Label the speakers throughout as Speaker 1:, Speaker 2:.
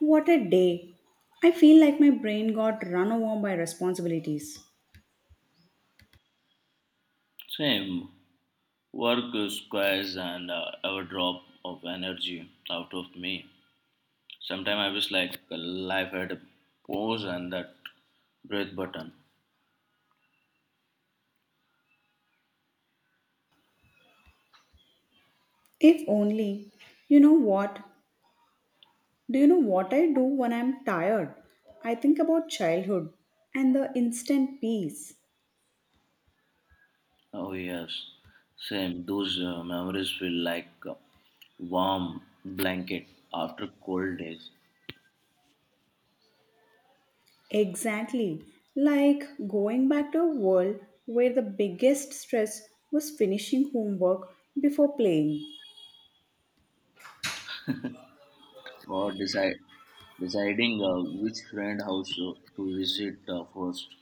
Speaker 1: What a day! I feel like my brain got run over by responsibilities.
Speaker 2: Same work squares and our drop of energy out of me. Sometimes I wish like life had a pause and that breath button.
Speaker 1: If only, you know what? Do you know what I do when I'm tired? I think about childhood and the instant peace.
Speaker 2: Oh yes, same. Those memories feel like a warm blanket after cold days.
Speaker 1: Exactly. Like going back to a world where the biggest stress was finishing homework before playing.
Speaker 2: Or decide Deciding which friend house to visit first.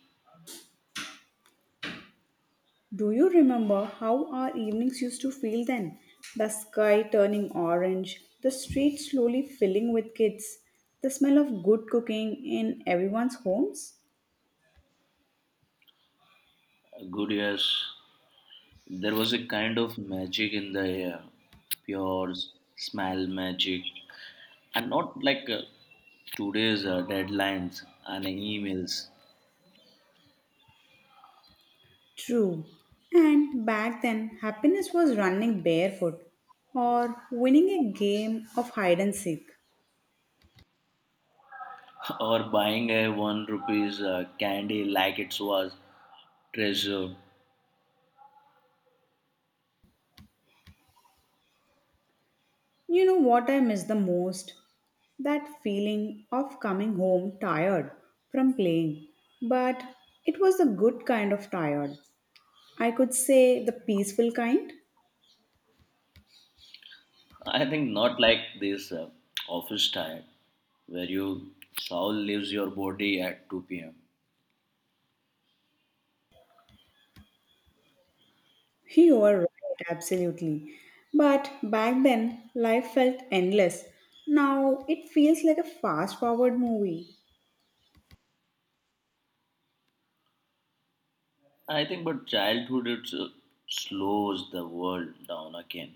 Speaker 1: Do you remember how our evenings used to feel then? The sky turning orange, the street slowly filling with kids, the smell of good cooking in everyone's homes?
Speaker 2: Good years. There was a kind of magic in the air, pure s- smell magic, and not like today's deadlines and emails.
Speaker 1: True. And back then, happiness was running barefoot or winning a game of hide and seek.
Speaker 2: Or buying a one rupees candy like it was treasure.
Speaker 1: You know what I miss the most? That feeling of coming home tired from playing. But it was the good kind of tired, I could say the peaceful kind.
Speaker 2: I think not like this office time where you soul leaves your body at 2 p.m.
Speaker 1: You are right, absolutely. But back then, life felt endless. Now it feels like a fast forward movie.
Speaker 2: I think, but childhood it slows the world down again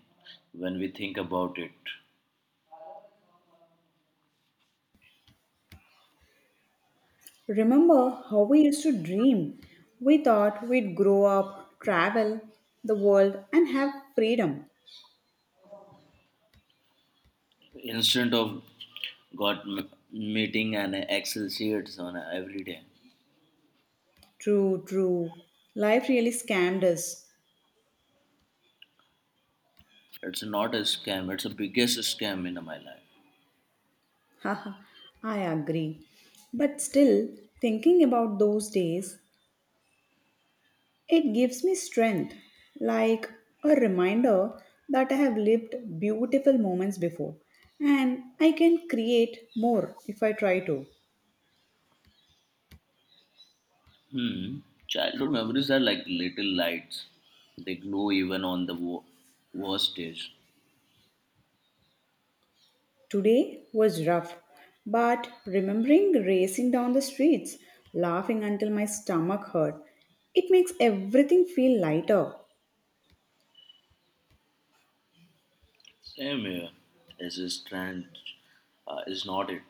Speaker 2: when we think about it.
Speaker 1: Remember how we used to dream? We thought we'd grow up, travel the world, and have freedom.
Speaker 2: Instead of meeting and Excel sheets on every day.
Speaker 1: True. Life really scammed us.
Speaker 2: It's not a scam. It's the biggest scam in my life.
Speaker 1: Haha, I agree. But still, thinking about those days, it gives me strength, like a reminder that I have lived beautiful moments before and I can create more if I try to.
Speaker 2: Hmm. Childhood memories are like little lights. They glow even on the worst days.
Speaker 1: Today was rough, but remembering racing down the streets, laughing until my stomach hurt, it makes everything feel lighter.
Speaker 2: Same here. It's a strange, is not it?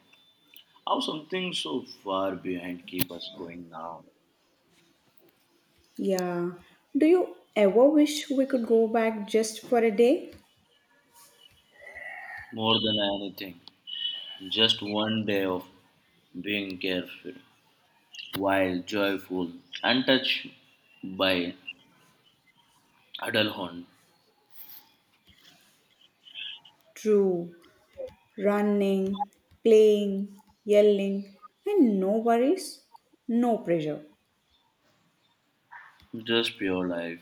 Speaker 2: How something so far behind keep us going now?
Speaker 1: Yeah. Do you ever wish we could go back just for a day?
Speaker 2: More than anything, just one day of being careful, wild, joyful, untouched by adulthood,
Speaker 1: True. Running, playing, yelling, and no worries, no pressure.
Speaker 2: just pure life.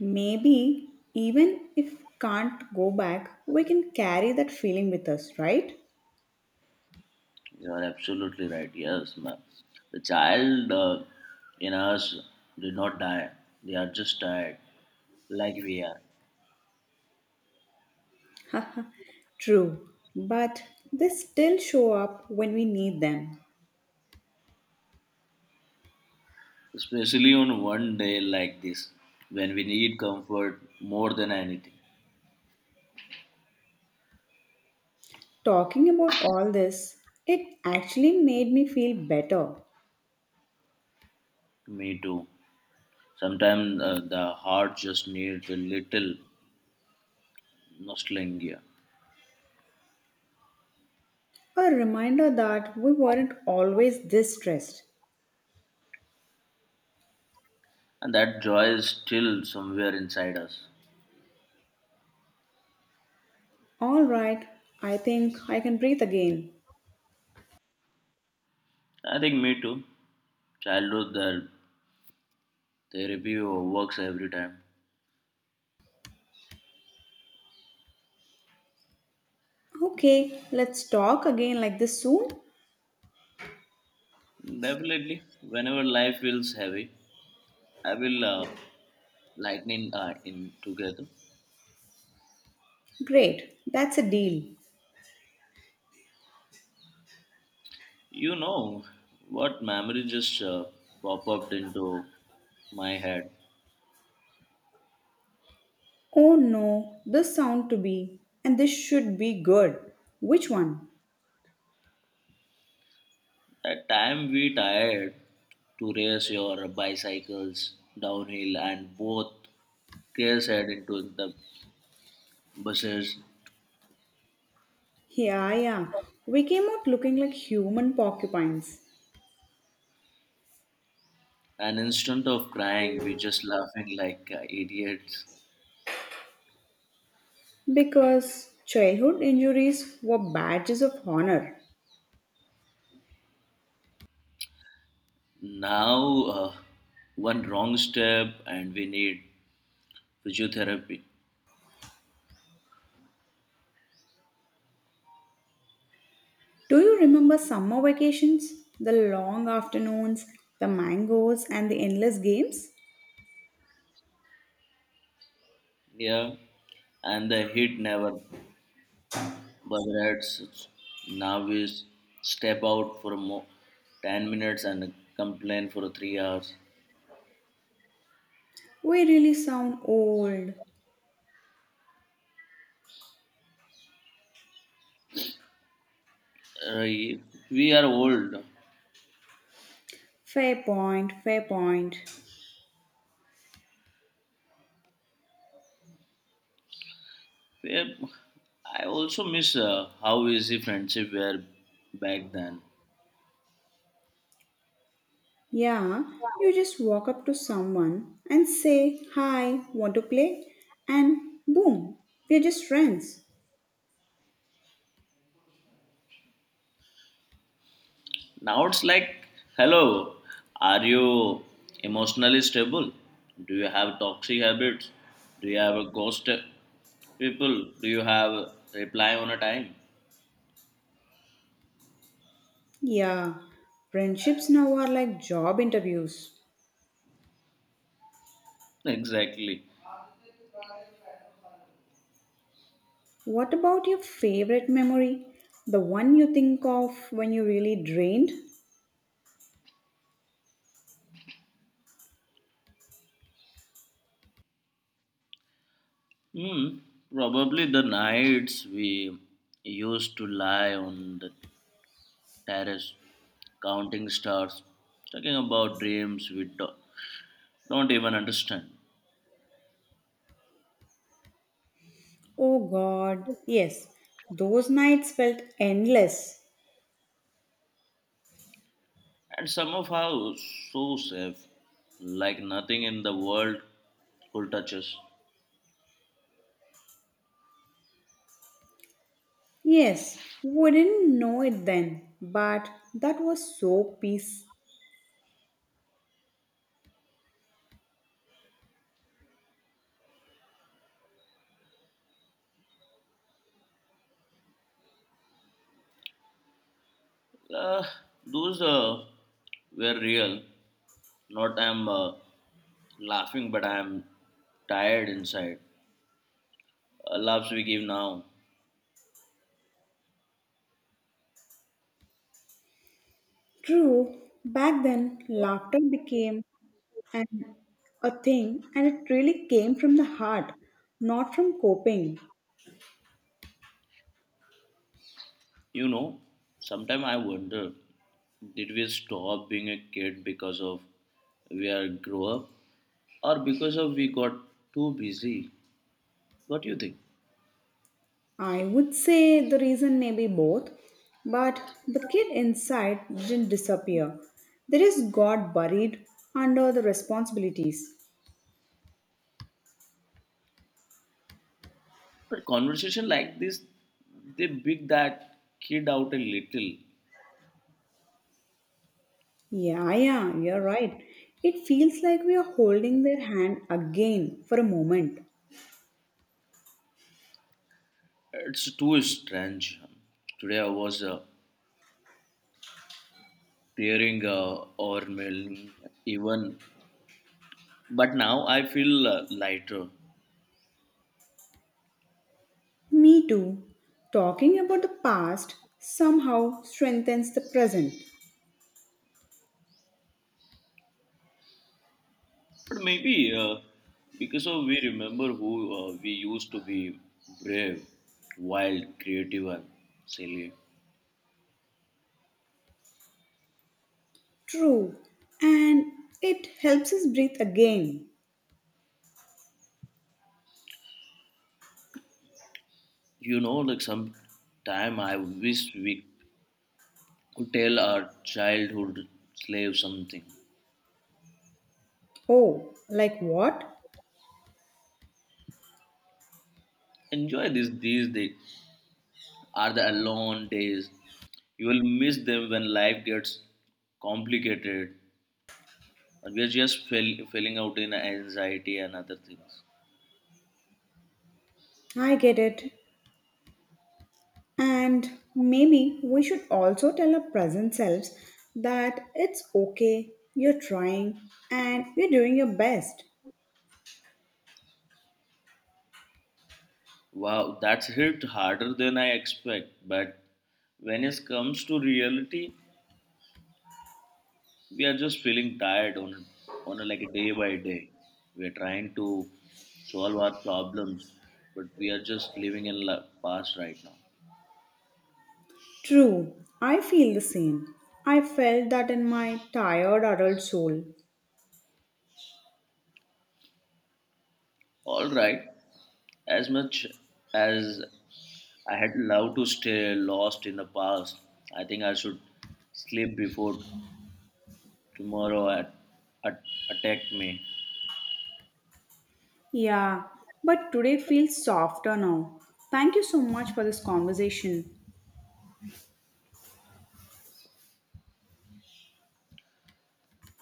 Speaker 1: Maybe even if can't go back, we can carry that feeling with us, right?
Speaker 2: You are absolutely right. Yes, ma'am. The child in us did not die. They are just tired, like we are.
Speaker 1: True, but they still show up when we need them.
Speaker 2: Especially on one day like this, when we need comfort more than anything.
Speaker 1: Talking about all this, it actually made me feel better.
Speaker 2: Me too. Sometimes the heart just needs a little nostalgia,
Speaker 1: A reminder that we weren't always this stressed.
Speaker 2: and that joy is still somewhere inside us.
Speaker 1: All right, I think I can breathe again.
Speaker 2: I think me too. Childhood that therapy works every time.
Speaker 1: Okay, let's talk again like this soon.
Speaker 2: Definitely, whenever life feels heavy, I will lighten in together.
Speaker 1: Great, that's a deal.
Speaker 2: You know what memory just pop up into my head.
Speaker 1: Oh no, this sound to be, and this should be good. Which one?
Speaker 2: That time we tired to race your bicycles downhill and both girls head into the buses.
Speaker 1: Yeah, yeah, we came out looking like human porcupines
Speaker 2: And instead of crying, we just laughing like idiots.
Speaker 1: because childhood injuries were badges of honor.
Speaker 2: Now, one wrong step and we need physiotherapy.
Speaker 1: Do you remember summer vacations? The long afternoons, the mangoes, and the endless games?
Speaker 2: Yeah, and the hit never bothers. Now we step out for a 10 minutes and complain for 3 hours.
Speaker 1: We really sound old.
Speaker 2: Uh, we are old.
Speaker 1: Fair point, fair point.
Speaker 2: We are- I also miss how easy friendship were back then.
Speaker 1: Yeah, you just walk up to someone and say, "Hi, want to play?" And boom, we're just friends.
Speaker 2: Now it's like, hello, are you emotionally stable? Do you have toxic habits? Do you have a ghost people? Do you have reply on a time?
Speaker 1: Yeah, friendships now are like job interviews.
Speaker 2: Exactly.
Speaker 1: What about your favorite memory? The one you think of when you really drained?
Speaker 2: Hmm. Probably the nights we used to lie on the terrace, counting stars, talking about dreams we don't even understand.
Speaker 1: Oh god, yes, those nights felt endless.
Speaker 2: And somehow so safe, like nothing in the world could touch us.
Speaker 1: Yes, we didn't know it then, but that was so peace.
Speaker 2: Uh, those were real. Not I'm laughing, but I'm tired inside. Laughs we give now.
Speaker 1: True, back then laughter became and a thing, and it really came from the heart, not from coping.
Speaker 2: You know, sometimes I wonder, did we stop being a kid because of we are grow up, or because of we got too busy? What do you think?
Speaker 1: I would say the reason may be both, but the kid inside didn't disappear. They just got buried under the responsibilities.
Speaker 2: But conversation like this, they big that kid out a little.
Speaker 1: Yeah, you're right. It feels like we are holding their hand again for a moment.
Speaker 2: It's too strange. Today I was tearing or mailing even, but now I feel lighter.
Speaker 1: Me too. Talking about the past somehow strengthens the present.
Speaker 2: But maybe because of we remember who we used to be brave, wild, creative, and silly.
Speaker 1: True. And it helps us breathe again.
Speaker 2: You know, like some time I wish we could tell our childhood slave something.
Speaker 1: Oh, like what?
Speaker 2: Enjoy this these days are the alone days. You will miss them when life gets complicated. And we are just falling out in anxiety and other things.
Speaker 1: I get it. And maybe we should also tell our present selves that it's okay, you're trying, and you're doing your best.
Speaker 2: Wow, that's hit harder than I expect. But when it comes to reality, we are just feeling tired like a day by day. We are trying to solve our problems, but we are just living in past right now.
Speaker 1: True. I feel the same. I felt that in my tired adult soul.
Speaker 2: All right, as much as I had loved to stay lost in the past. I think I should sleep before tomorrow at, attack me.
Speaker 1: Yeah, but today feels softer now. Thank you so much for this conversation.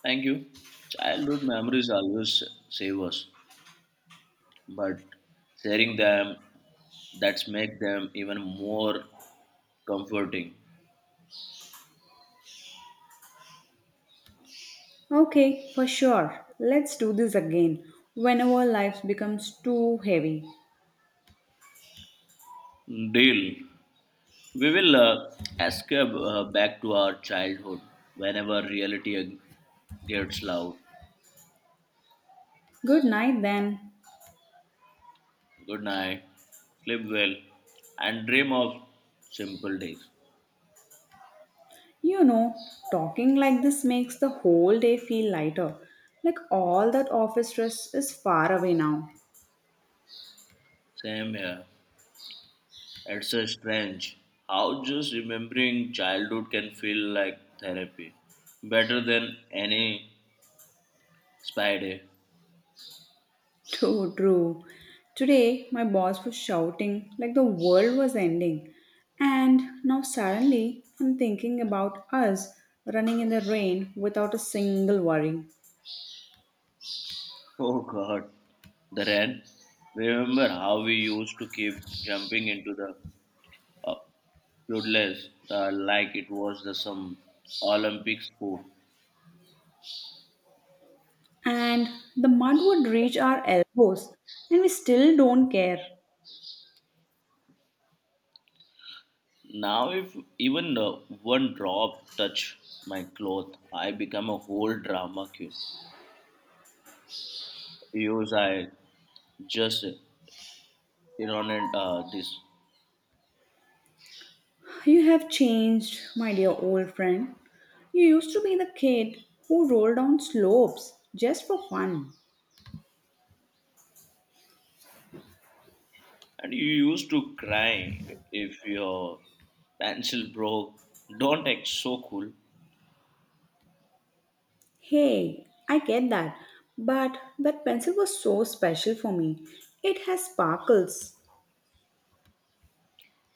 Speaker 2: Thank you. Childhood memories always save us, but sharing them, that's make them even more comforting.
Speaker 1: Okay, for sure. Let's do this again whenever life becomes too heavy.
Speaker 2: Deal. We will escape back to our childhood whenever reality gets loud.
Speaker 1: Good night then.
Speaker 2: Good night. Sleep well and dream of simple days.
Speaker 1: You know, talking like this makes the whole day feel lighter. Like all that office stress is far away now.
Speaker 2: Same here. It's so strange how just remembering childhood can feel like therapy, better than any spy day.
Speaker 1: True. Today, my boss was shouting like the world was ending. And now suddenly, I'm thinking about us running in the rain without a single worry.
Speaker 2: Oh God, the rain. Remember how we used to keep jumping into the uh, puddles like it was the some Olympic sport.
Speaker 1: And the mud would reach our elbows, and we still don't care.
Speaker 2: Now, if even one drop touch my cloth, I become a whole drama queen. Use I just ironic this.
Speaker 1: You have changed, my dear old friend. You used to be the kid who rolled down slopes just for fun.
Speaker 2: And you used to cry if your pencil broke. Don't act so cool.
Speaker 1: Hey, I get that, but that pencil was so special for me. It has sparkles.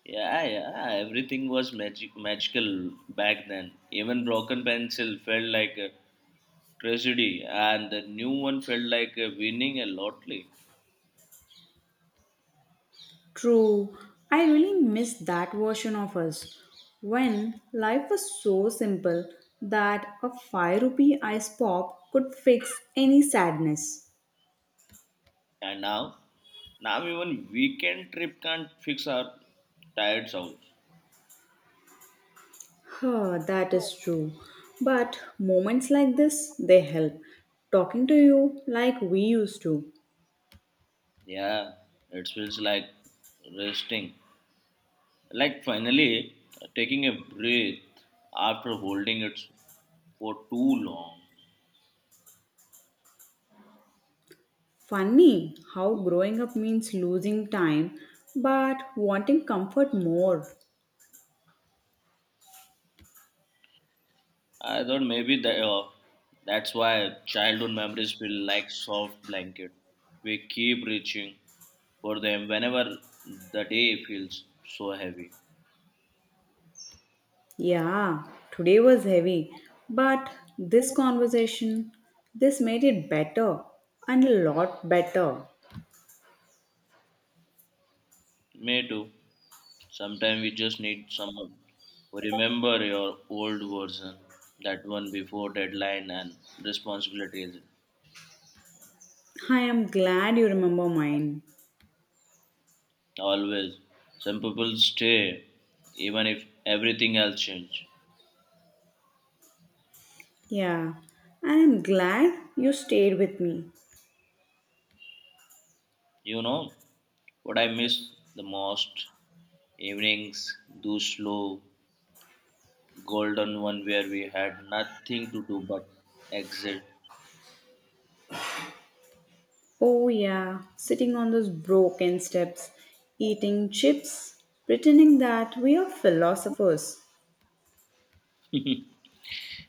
Speaker 2: Yeah, yeah, everything was magical back then. Even broken pencil felt like a tragedy, and the new one felt like winning a lottery.
Speaker 1: True, I really miss that version of us when life was so simple that a 5 rupee ice pop could fix any sadness.
Speaker 2: And now, now even weekend trip can't fix our tired souls.
Speaker 1: Huh, that is true. But moments like this, they help. Talking to you like we used to.
Speaker 2: Yeah, it feels like resting, like finally taking a breath after holding it for too long.
Speaker 1: Funny how growing up means losing time, but wanting comfort more.
Speaker 2: I thought maybe that's why childhood memories feel like soft blanket. We keep reaching for them whenever the day feels so heavy.
Speaker 1: Yeah, today was heavy, but this conversation, this made it better and a lot better.
Speaker 2: Me too. Sometimes we just need someone who remember your old version, that one before deadline and responsibilities.
Speaker 1: I am glad you remember mine.
Speaker 2: Always, some people stay even if everything else change.
Speaker 1: Yeah, I am glad you stayed with me.
Speaker 2: You know what I miss the most? Evenings, do slow, golden one where we had nothing to do but exit.
Speaker 1: Oh, yeah, sitting on those broken steps, eating chips, pretending that we are philosophers.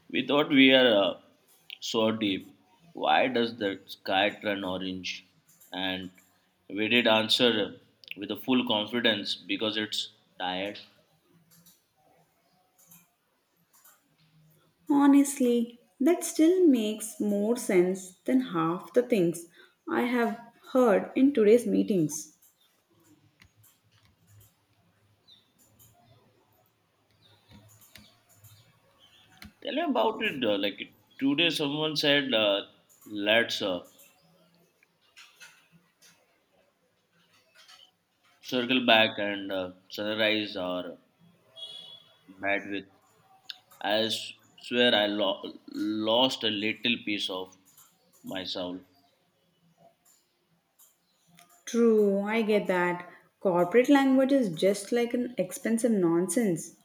Speaker 2: We thought we are so deep. Why does the sky turn orange? And we did answer with a full confidence because it's tired.
Speaker 1: Honestly, that still makes more sense than half the things I have heard in today's meetings.
Speaker 2: Tell me about it. Like today, someone said, let's circle back and sunrise our bed with I s- swear I lost a little piece of my soul.
Speaker 1: True, I get that. Corporate language is just like an expensive nonsense.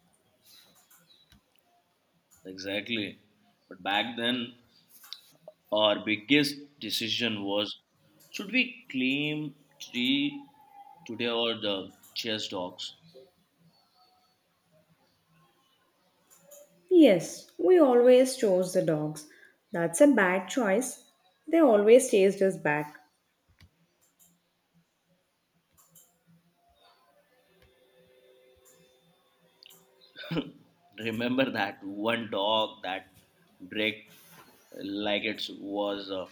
Speaker 2: Exactly. But back then, our biggest decision was should we claim three today or the chess dogs?
Speaker 1: Yes, we always chose the dogs. That's a bad choice. They always chased us back.
Speaker 2: Remember that one dog that break like it was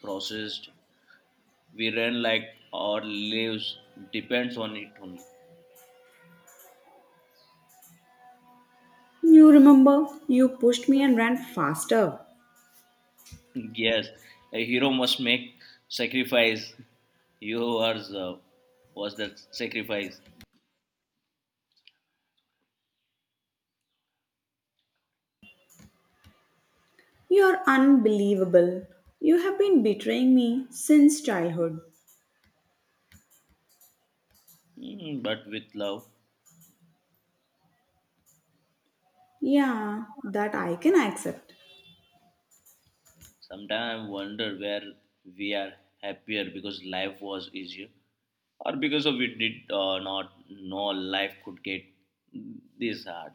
Speaker 2: processed? We ran like our lives depends on it only.
Speaker 1: You remember, you pushed me and ran faster.
Speaker 2: Yes, a hero must make sacrifice. You are was that sacrifice.
Speaker 1: You're unbelievable. You have been betraying me since childhood.
Speaker 2: Mm, but with love.
Speaker 1: Yeah, that I can accept.
Speaker 2: Sometimes I wonder where we are happier because life was easier, or because of we did not know life could get this hard.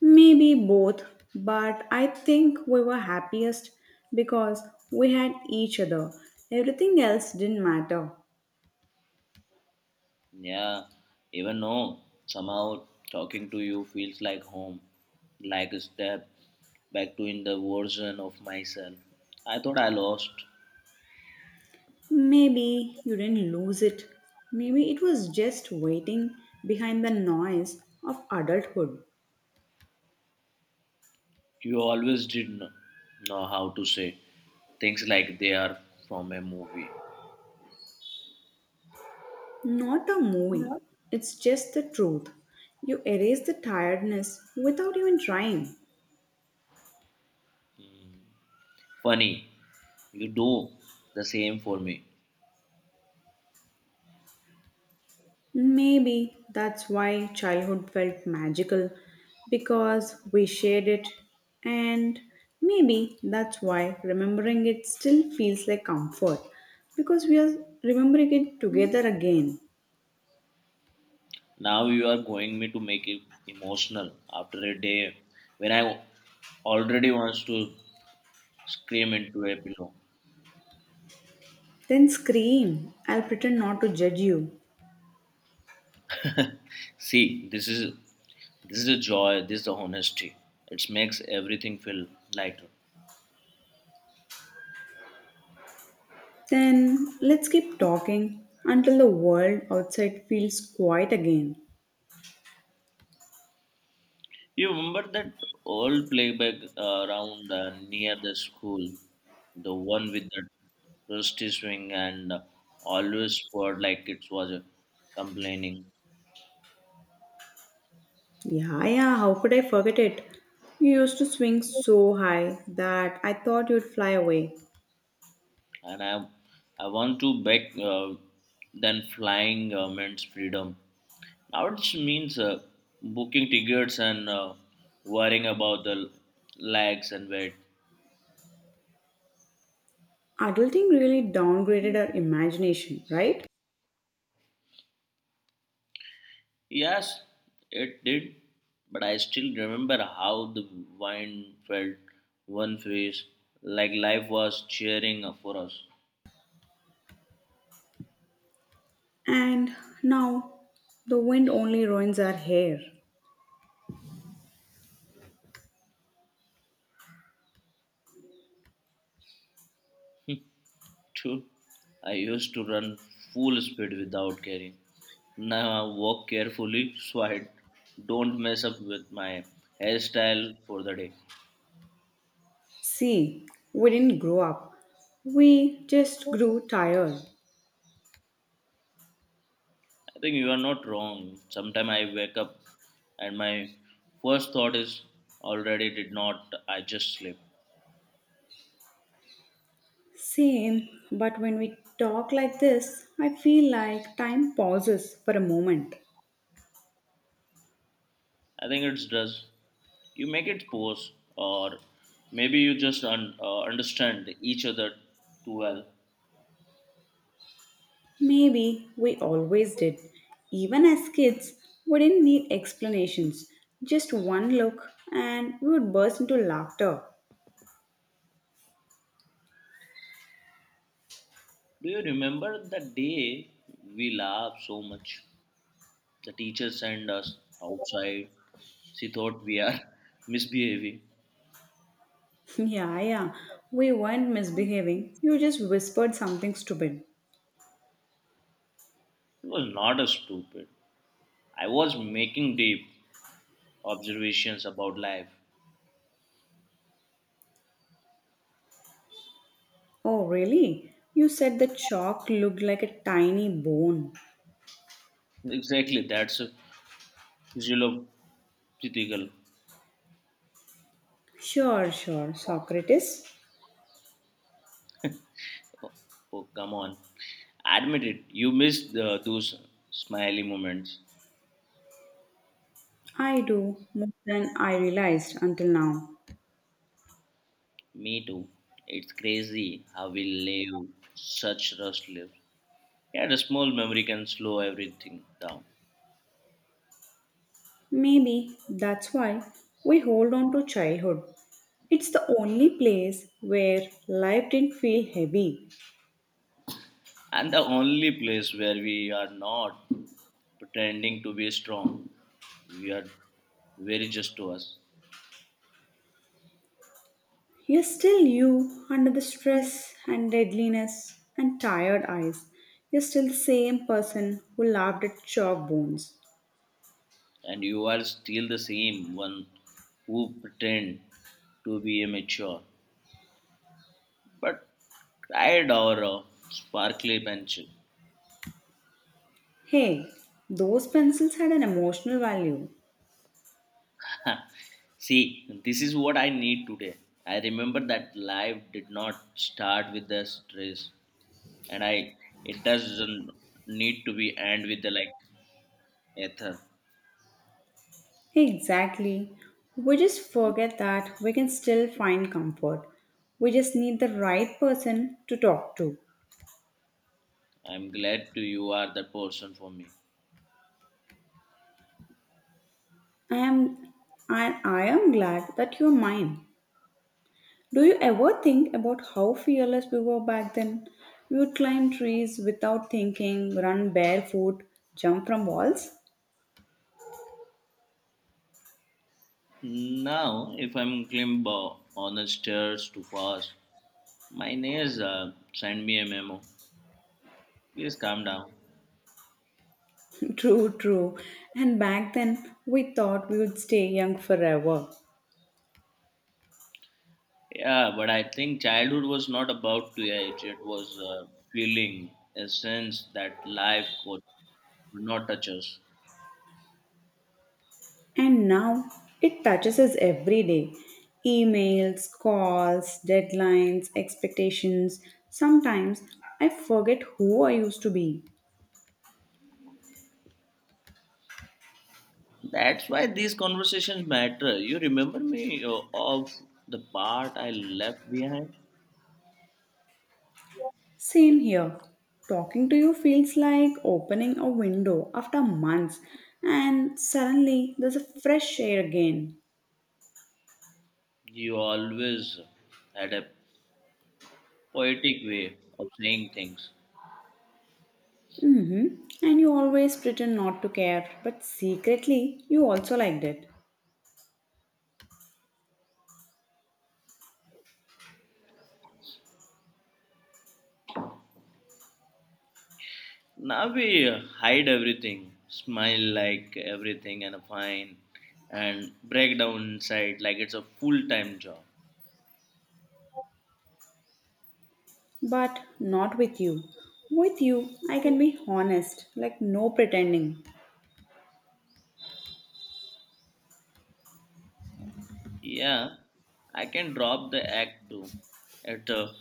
Speaker 1: Maybe both, but I think we were happiest because we had each other. Everything else didn't matter.
Speaker 2: Yeah, even though somehow talking to you feels like home, like a step back to in the version of myself. I thought I lost.
Speaker 1: Maybe you didn't lose it. Maybe it was just waiting behind the noise of adulthood.
Speaker 2: You always did know how to say things like they are from a movie.
Speaker 1: Not a movie, it's just the truth. You erase the tiredness without even trying.
Speaker 2: Hmm. Funny, you do the same for me.
Speaker 1: Maybe that's why childhood felt magical because we shared it, and maybe that's why remembering it still feels like comfort because we are remembering it together again.
Speaker 2: Now you are going me to make it emotional after a day when I already wants to scream into a pillow.
Speaker 1: Then scream, I'll pretend not to judge you.
Speaker 2: See, this is the joy, this is the honesty. It makes everything feel lighter.
Speaker 1: Then let's keep talking until the world outside feels quiet again.
Speaker 2: You remember that old playback around near the school, the one with the rusty swing and always poured like it was complaining.
Speaker 1: Yeah, how could I forget it? You used to swing so high that I thought you'd fly away.
Speaker 2: And I want to back then flying means freedom. Now it means booking tickets and worrying about the lags and wait.
Speaker 1: Adulting really downgraded our imagination, right?
Speaker 2: Yes, it did, but I still remember how the wind felt one face, like life was cheering for us.
Speaker 1: And now the wind only ruins our hair.
Speaker 2: True, I used to run full speed without caring. Now I walk carefully so I don't mess up with my hairstyle for the day.
Speaker 1: See, we didn't grow up, we just grew tired.
Speaker 2: I think you are not wrong. Sometimes I wake up and my first thought is already did not I just sleep.
Speaker 1: Same, but when we talk like this, I feel like time pauses for a moment.
Speaker 2: I think it's does. You make it coarse or maybe you just understand each other too well.
Speaker 1: Maybe we always did. Even as kids, we didn't need explanations. Just one look and we would burst into laughter.
Speaker 2: Do you remember the day we laughed so much the teacher sent us outside? She thought we are misbehaving it.
Speaker 1: Yeah, yeah. We weren't misbehaving. You just whispered something stupid.
Speaker 2: Was not a stupid. I was making deep observations about life.
Speaker 1: Oh, really? You said the chalk looked like a tiny bone.
Speaker 2: Exactly, that's a physiological.
Speaker 1: Sure, Socrates.
Speaker 2: Oh, oh, come on, admit it, you missed the, those smiley moments.
Speaker 1: I do more than I realized until now.
Speaker 2: Me too. It's crazy how we live such rushed lives. Yeah, the small memory can slow everything down.
Speaker 1: Maybe that's why we hold on to childhood. It's the only place where life didn't feel heavy.
Speaker 2: And the only place where we are not pretending to be strong, we are very just to us.
Speaker 1: You're still you under the stress and deadliness and tired eyes. You're still the same person who laughed at chalk bones.
Speaker 2: And you are still the same one who pretend to be immature, but cried or a sparkly pencil.
Speaker 1: Hey, those pencils had an emotional value.
Speaker 2: See, this is what I need today. I remember that life did not start with the stress, and I it doesn't need to be end with the like ether.
Speaker 1: Exactly. We just forget that we can still find comfort. We just need the right person to talk to.
Speaker 2: I'm glad to you are the person for me.
Speaker 1: I am I am glad that you're mine. Do you ever think about how fearless we were back then? We would climb trees without thinking, run barefoot, jump from walls?
Speaker 2: Now, if I'm climber on the stairs too fast, my neighbors send me a memo. Please calm down.
Speaker 1: True. And back then, we thought we would stay young forever.
Speaker 2: Yeah, but I think childhood was not about to age. It was feeling a sense that life could not touch us.
Speaker 1: And now, it touches us every day, emails, calls, deadlines, expectations. Sometimes, I forget who I used to be.
Speaker 2: That's why these conversations matter. You remember me of the part I left behind?
Speaker 1: Same here. Talking to you feels like opening a window after months, and suddenly there's a fresh air again.
Speaker 2: You always had a poetic way of saying things.
Speaker 1: Mm-hmm. And you always pretend not to care, but secretly you also liked it.
Speaker 2: Now we hide everything, smile like everything and fine, and break down inside like it's a full time job.
Speaker 1: But not with you. With you, I can be honest, like no pretending.
Speaker 2: Yeah, I can drop the act too. It's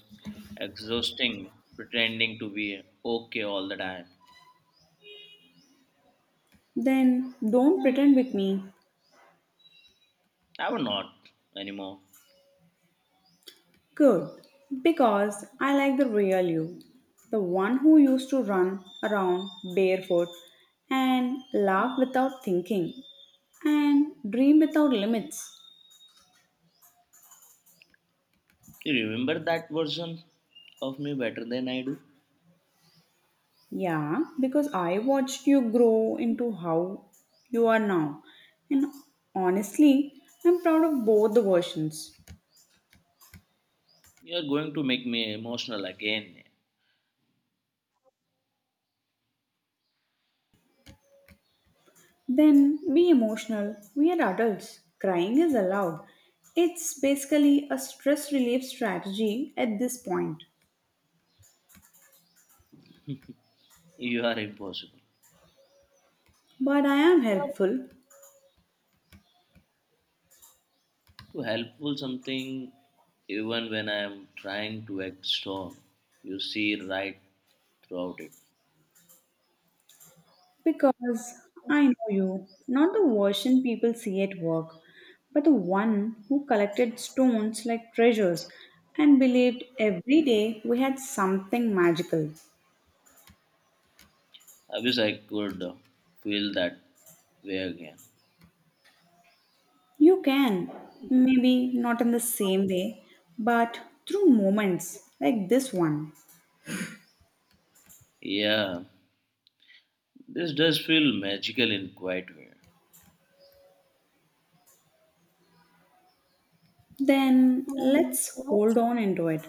Speaker 2: exhausting pretending to be okay all the time.
Speaker 1: Then don't pretend with me.
Speaker 2: I'm not anymore.
Speaker 1: Good, because I like the real you, the one who used to run around barefoot and laugh without thinking and dream without limits.
Speaker 2: You remember that version of me better than I do?
Speaker 1: Yeah, because I watched you grow into how you are now, and honestly, I'm proud of both the versions.
Speaker 2: You are going to make me emotional again.
Speaker 1: Then be emotional, we are adults, crying is allowed. It's basically a stress relief strategy at this point.
Speaker 2: You are impossible.
Speaker 1: But I am helpful
Speaker 2: To helpful something even when I am trying to act strong. You see right throughout it.
Speaker 1: because I know you, not the version people see at work, but the one who collected stones like treasures and believed every day we had something magical.
Speaker 2: I wish I could feel that way again.
Speaker 1: You can, maybe not in the same way, but through moments like this one.
Speaker 2: Yeah, this does feel magical in quite way.
Speaker 1: Then let's hold on into it,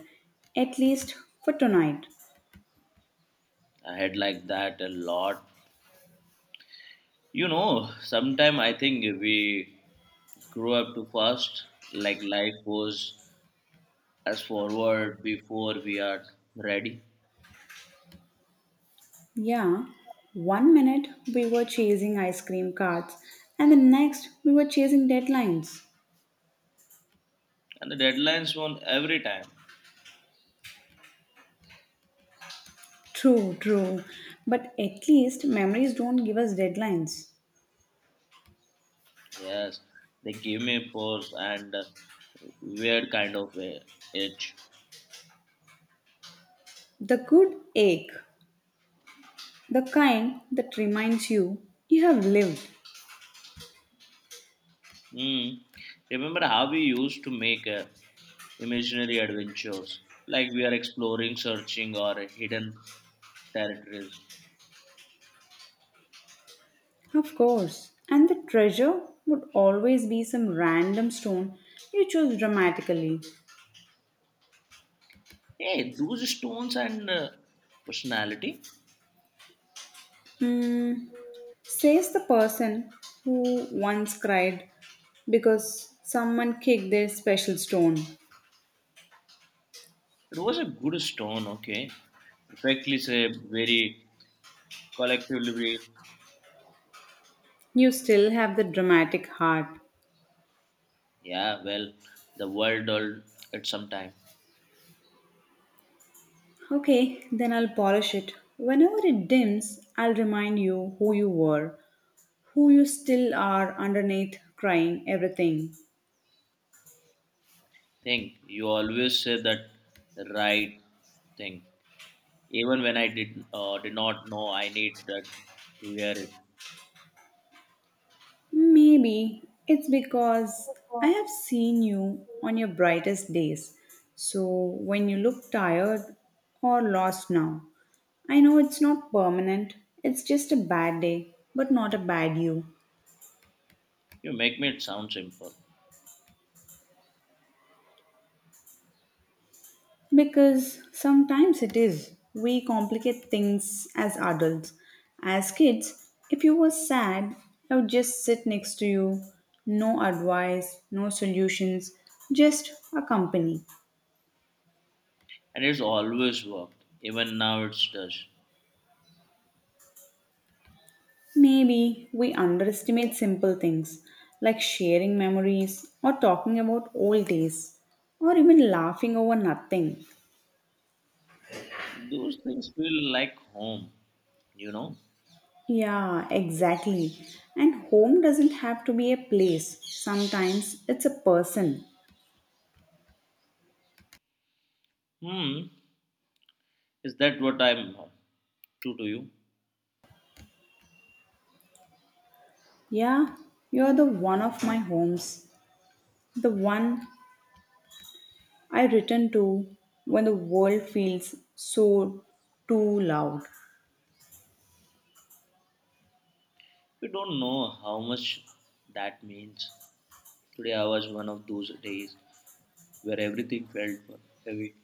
Speaker 1: at least for tonight.
Speaker 2: I had like that a lot. You know, sometimes I think we grow up too fast, like life was as forward before we are ready.
Speaker 1: Yeah, one minute we were chasing ice cream carts, and the next we were chasing deadlines.
Speaker 2: And the deadlines won every time.
Speaker 1: True. But at least memories don't give us deadlines.
Speaker 2: Yes, they give me pause and weird kind of a itch.
Speaker 1: The good ache, the kind that reminds you you have lived.
Speaker 2: Hmm. Remember how we used to make imaginary adventures, like we are exploring, searching, or hidden territories.
Speaker 1: Of course. And the treasure would always be some random stone you chose dramatically.
Speaker 2: Hey, those stones and personality.
Speaker 1: Hmm. Says the person who once cried because someone kicked their special stone.
Speaker 2: It was a good stone, okay. Perfectly said, very collectively.
Speaker 1: You still have the dramatic heart.
Speaker 2: Yeah, well, the world does at some time.
Speaker 1: Okay, then I'll polish it. Whenever it dims, I'll remind you who you were, who you still are underneath crying everything.
Speaker 2: Think you always say that the right thing, even when I did did not know I need that to hear it.
Speaker 1: Maybe it's because I have seen you on your brightest days. So when you look tired or lost now, I know it's not permanent, it's just a bad day, but not a bad you.
Speaker 2: You make me it sound simple,
Speaker 1: Because sometimes it is. We complicate things as adults. As kids, if you were sad, I would just sit next to you. No advice, no solutions, just a company.
Speaker 2: and it's always worked. Even now, it does.
Speaker 1: Maybe we underestimate simple things like sharing memories or talking about old days or even laughing over nothing.
Speaker 2: Those things feel like home, you know.
Speaker 1: Yeah, exactly. And home doesn't have to be a place. Sometimes it's a person.
Speaker 2: Hmm, is that what I'm true to you?
Speaker 1: Yeah, you're the one of my homes, the one I return to when the world feels so too loud.
Speaker 2: We don't know how much that means. Today I was one of those days where everything felt heavy.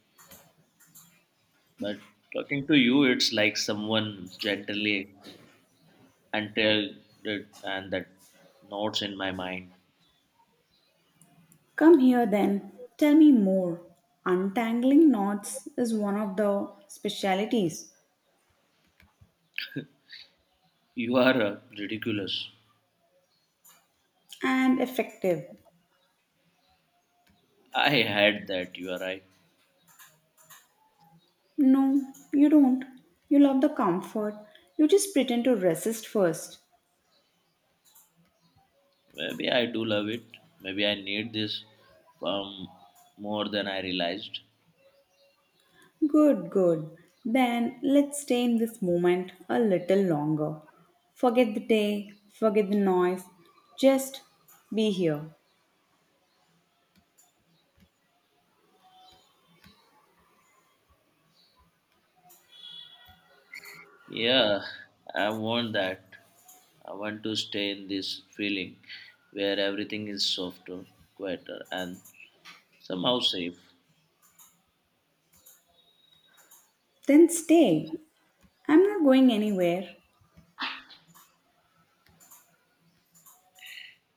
Speaker 2: But talking to you, it's like someone gently until the, and that notes in my mind.
Speaker 1: Come here then, tell me more. Untangling knots is one of the specialities
Speaker 2: You are ridiculous.
Speaker 1: and effective.
Speaker 2: I had that. You are right.
Speaker 1: No, you don't. You love the comfort. You just pretend to resist first.
Speaker 2: Maybe I do love it. Maybe I need this um, more than I realized.
Speaker 1: Good. Then let's stay in this moment a little longer. Forget the day, forget the noise, just be here.
Speaker 2: Yeah, I want that. I want to stay in this feeling where everything is softer, quieter, and somehow safe.
Speaker 1: Then stay. I'm not going anywhere.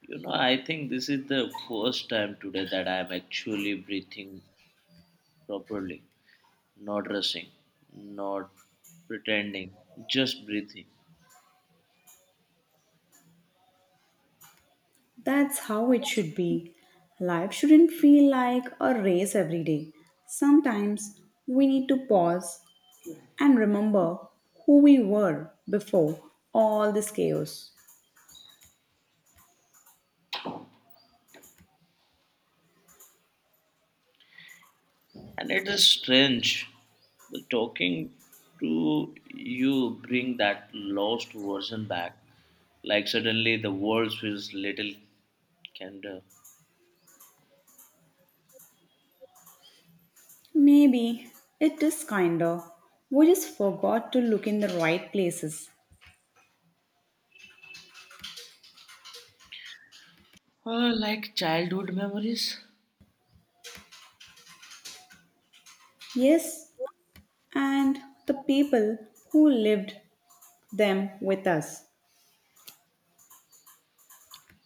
Speaker 2: You know, I think this is the first time today that I am actually breathing properly, not rushing, not pretending, just breathing.
Speaker 1: That's how it should be. Life shouldn't feel like a race every day. Sometimes we need to pause and remember who we were before all this chaos.
Speaker 2: And it is strange. But talking to you bring that lost version back. Like suddenly the world feels little candor.
Speaker 1: Maybe it is kinda. We just forgot to look in the right places.
Speaker 2: Like childhood memories.
Speaker 1: Yes, and the people who lived them with us.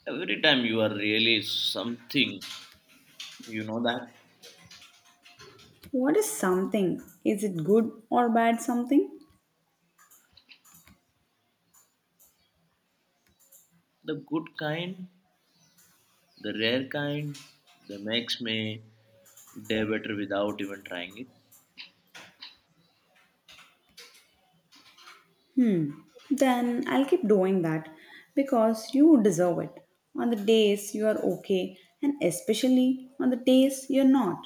Speaker 2: Every time you are really something, you know that?
Speaker 1: What is something? Is it good or bad something?
Speaker 2: The good kind. The rare kind that makes me day better without even trying it.
Speaker 1: Hmm. Then I'll keep doing that because you deserve it. On the days you are okay, and especially on the days you're not.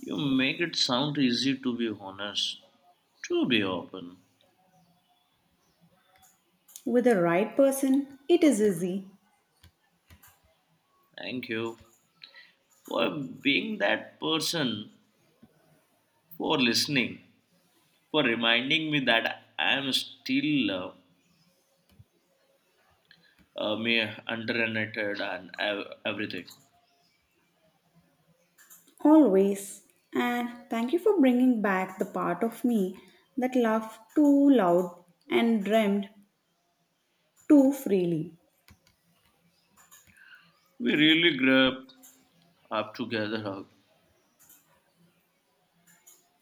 Speaker 2: You make it sound easy to be honest, to be open.
Speaker 1: With the right person, it is easy.
Speaker 2: Thank you for being that person, for listening, for reminding me that I am still me underrated and everything.
Speaker 1: Always. And thank you for bringing back the part of me that laughed too loud and dreamed too freely.
Speaker 2: We really grabbed up together, huh?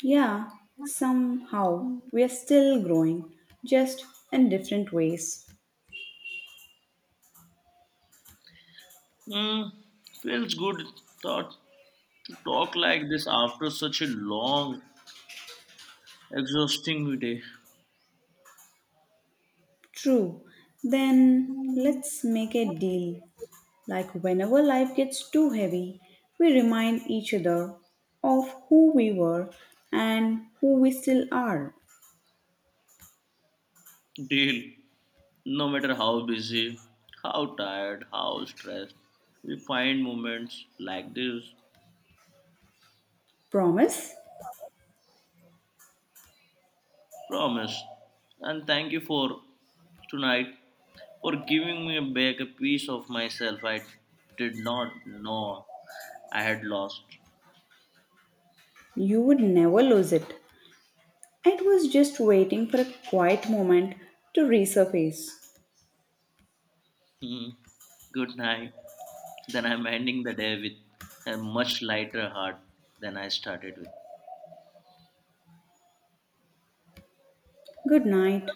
Speaker 1: Yeah, somehow we are still growing, just in different ways.
Speaker 2: Hmm, feels good thought to talk like this after such a long exhausting day.
Speaker 1: True. Then
Speaker 2: Mm.
Speaker 1: let's make a deal. Like whenever life gets too heavy, we remind each other of who we were and who we still are.
Speaker 2: Deal. No matter how busy, how tired, how stressed, we find moments like this.
Speaker 1: Promise
Speaker 2: Promise. And thank you for tonight for giving me back a piece of myself I did not know I had lost.
Speaker 1: you would never lose it. It was just waiting for a quiet moment to resurface.
Speaker 2: Hmm. Good night. Then I'm ending the day with a much lighter heart than I started with.
Speaker 1: Good night.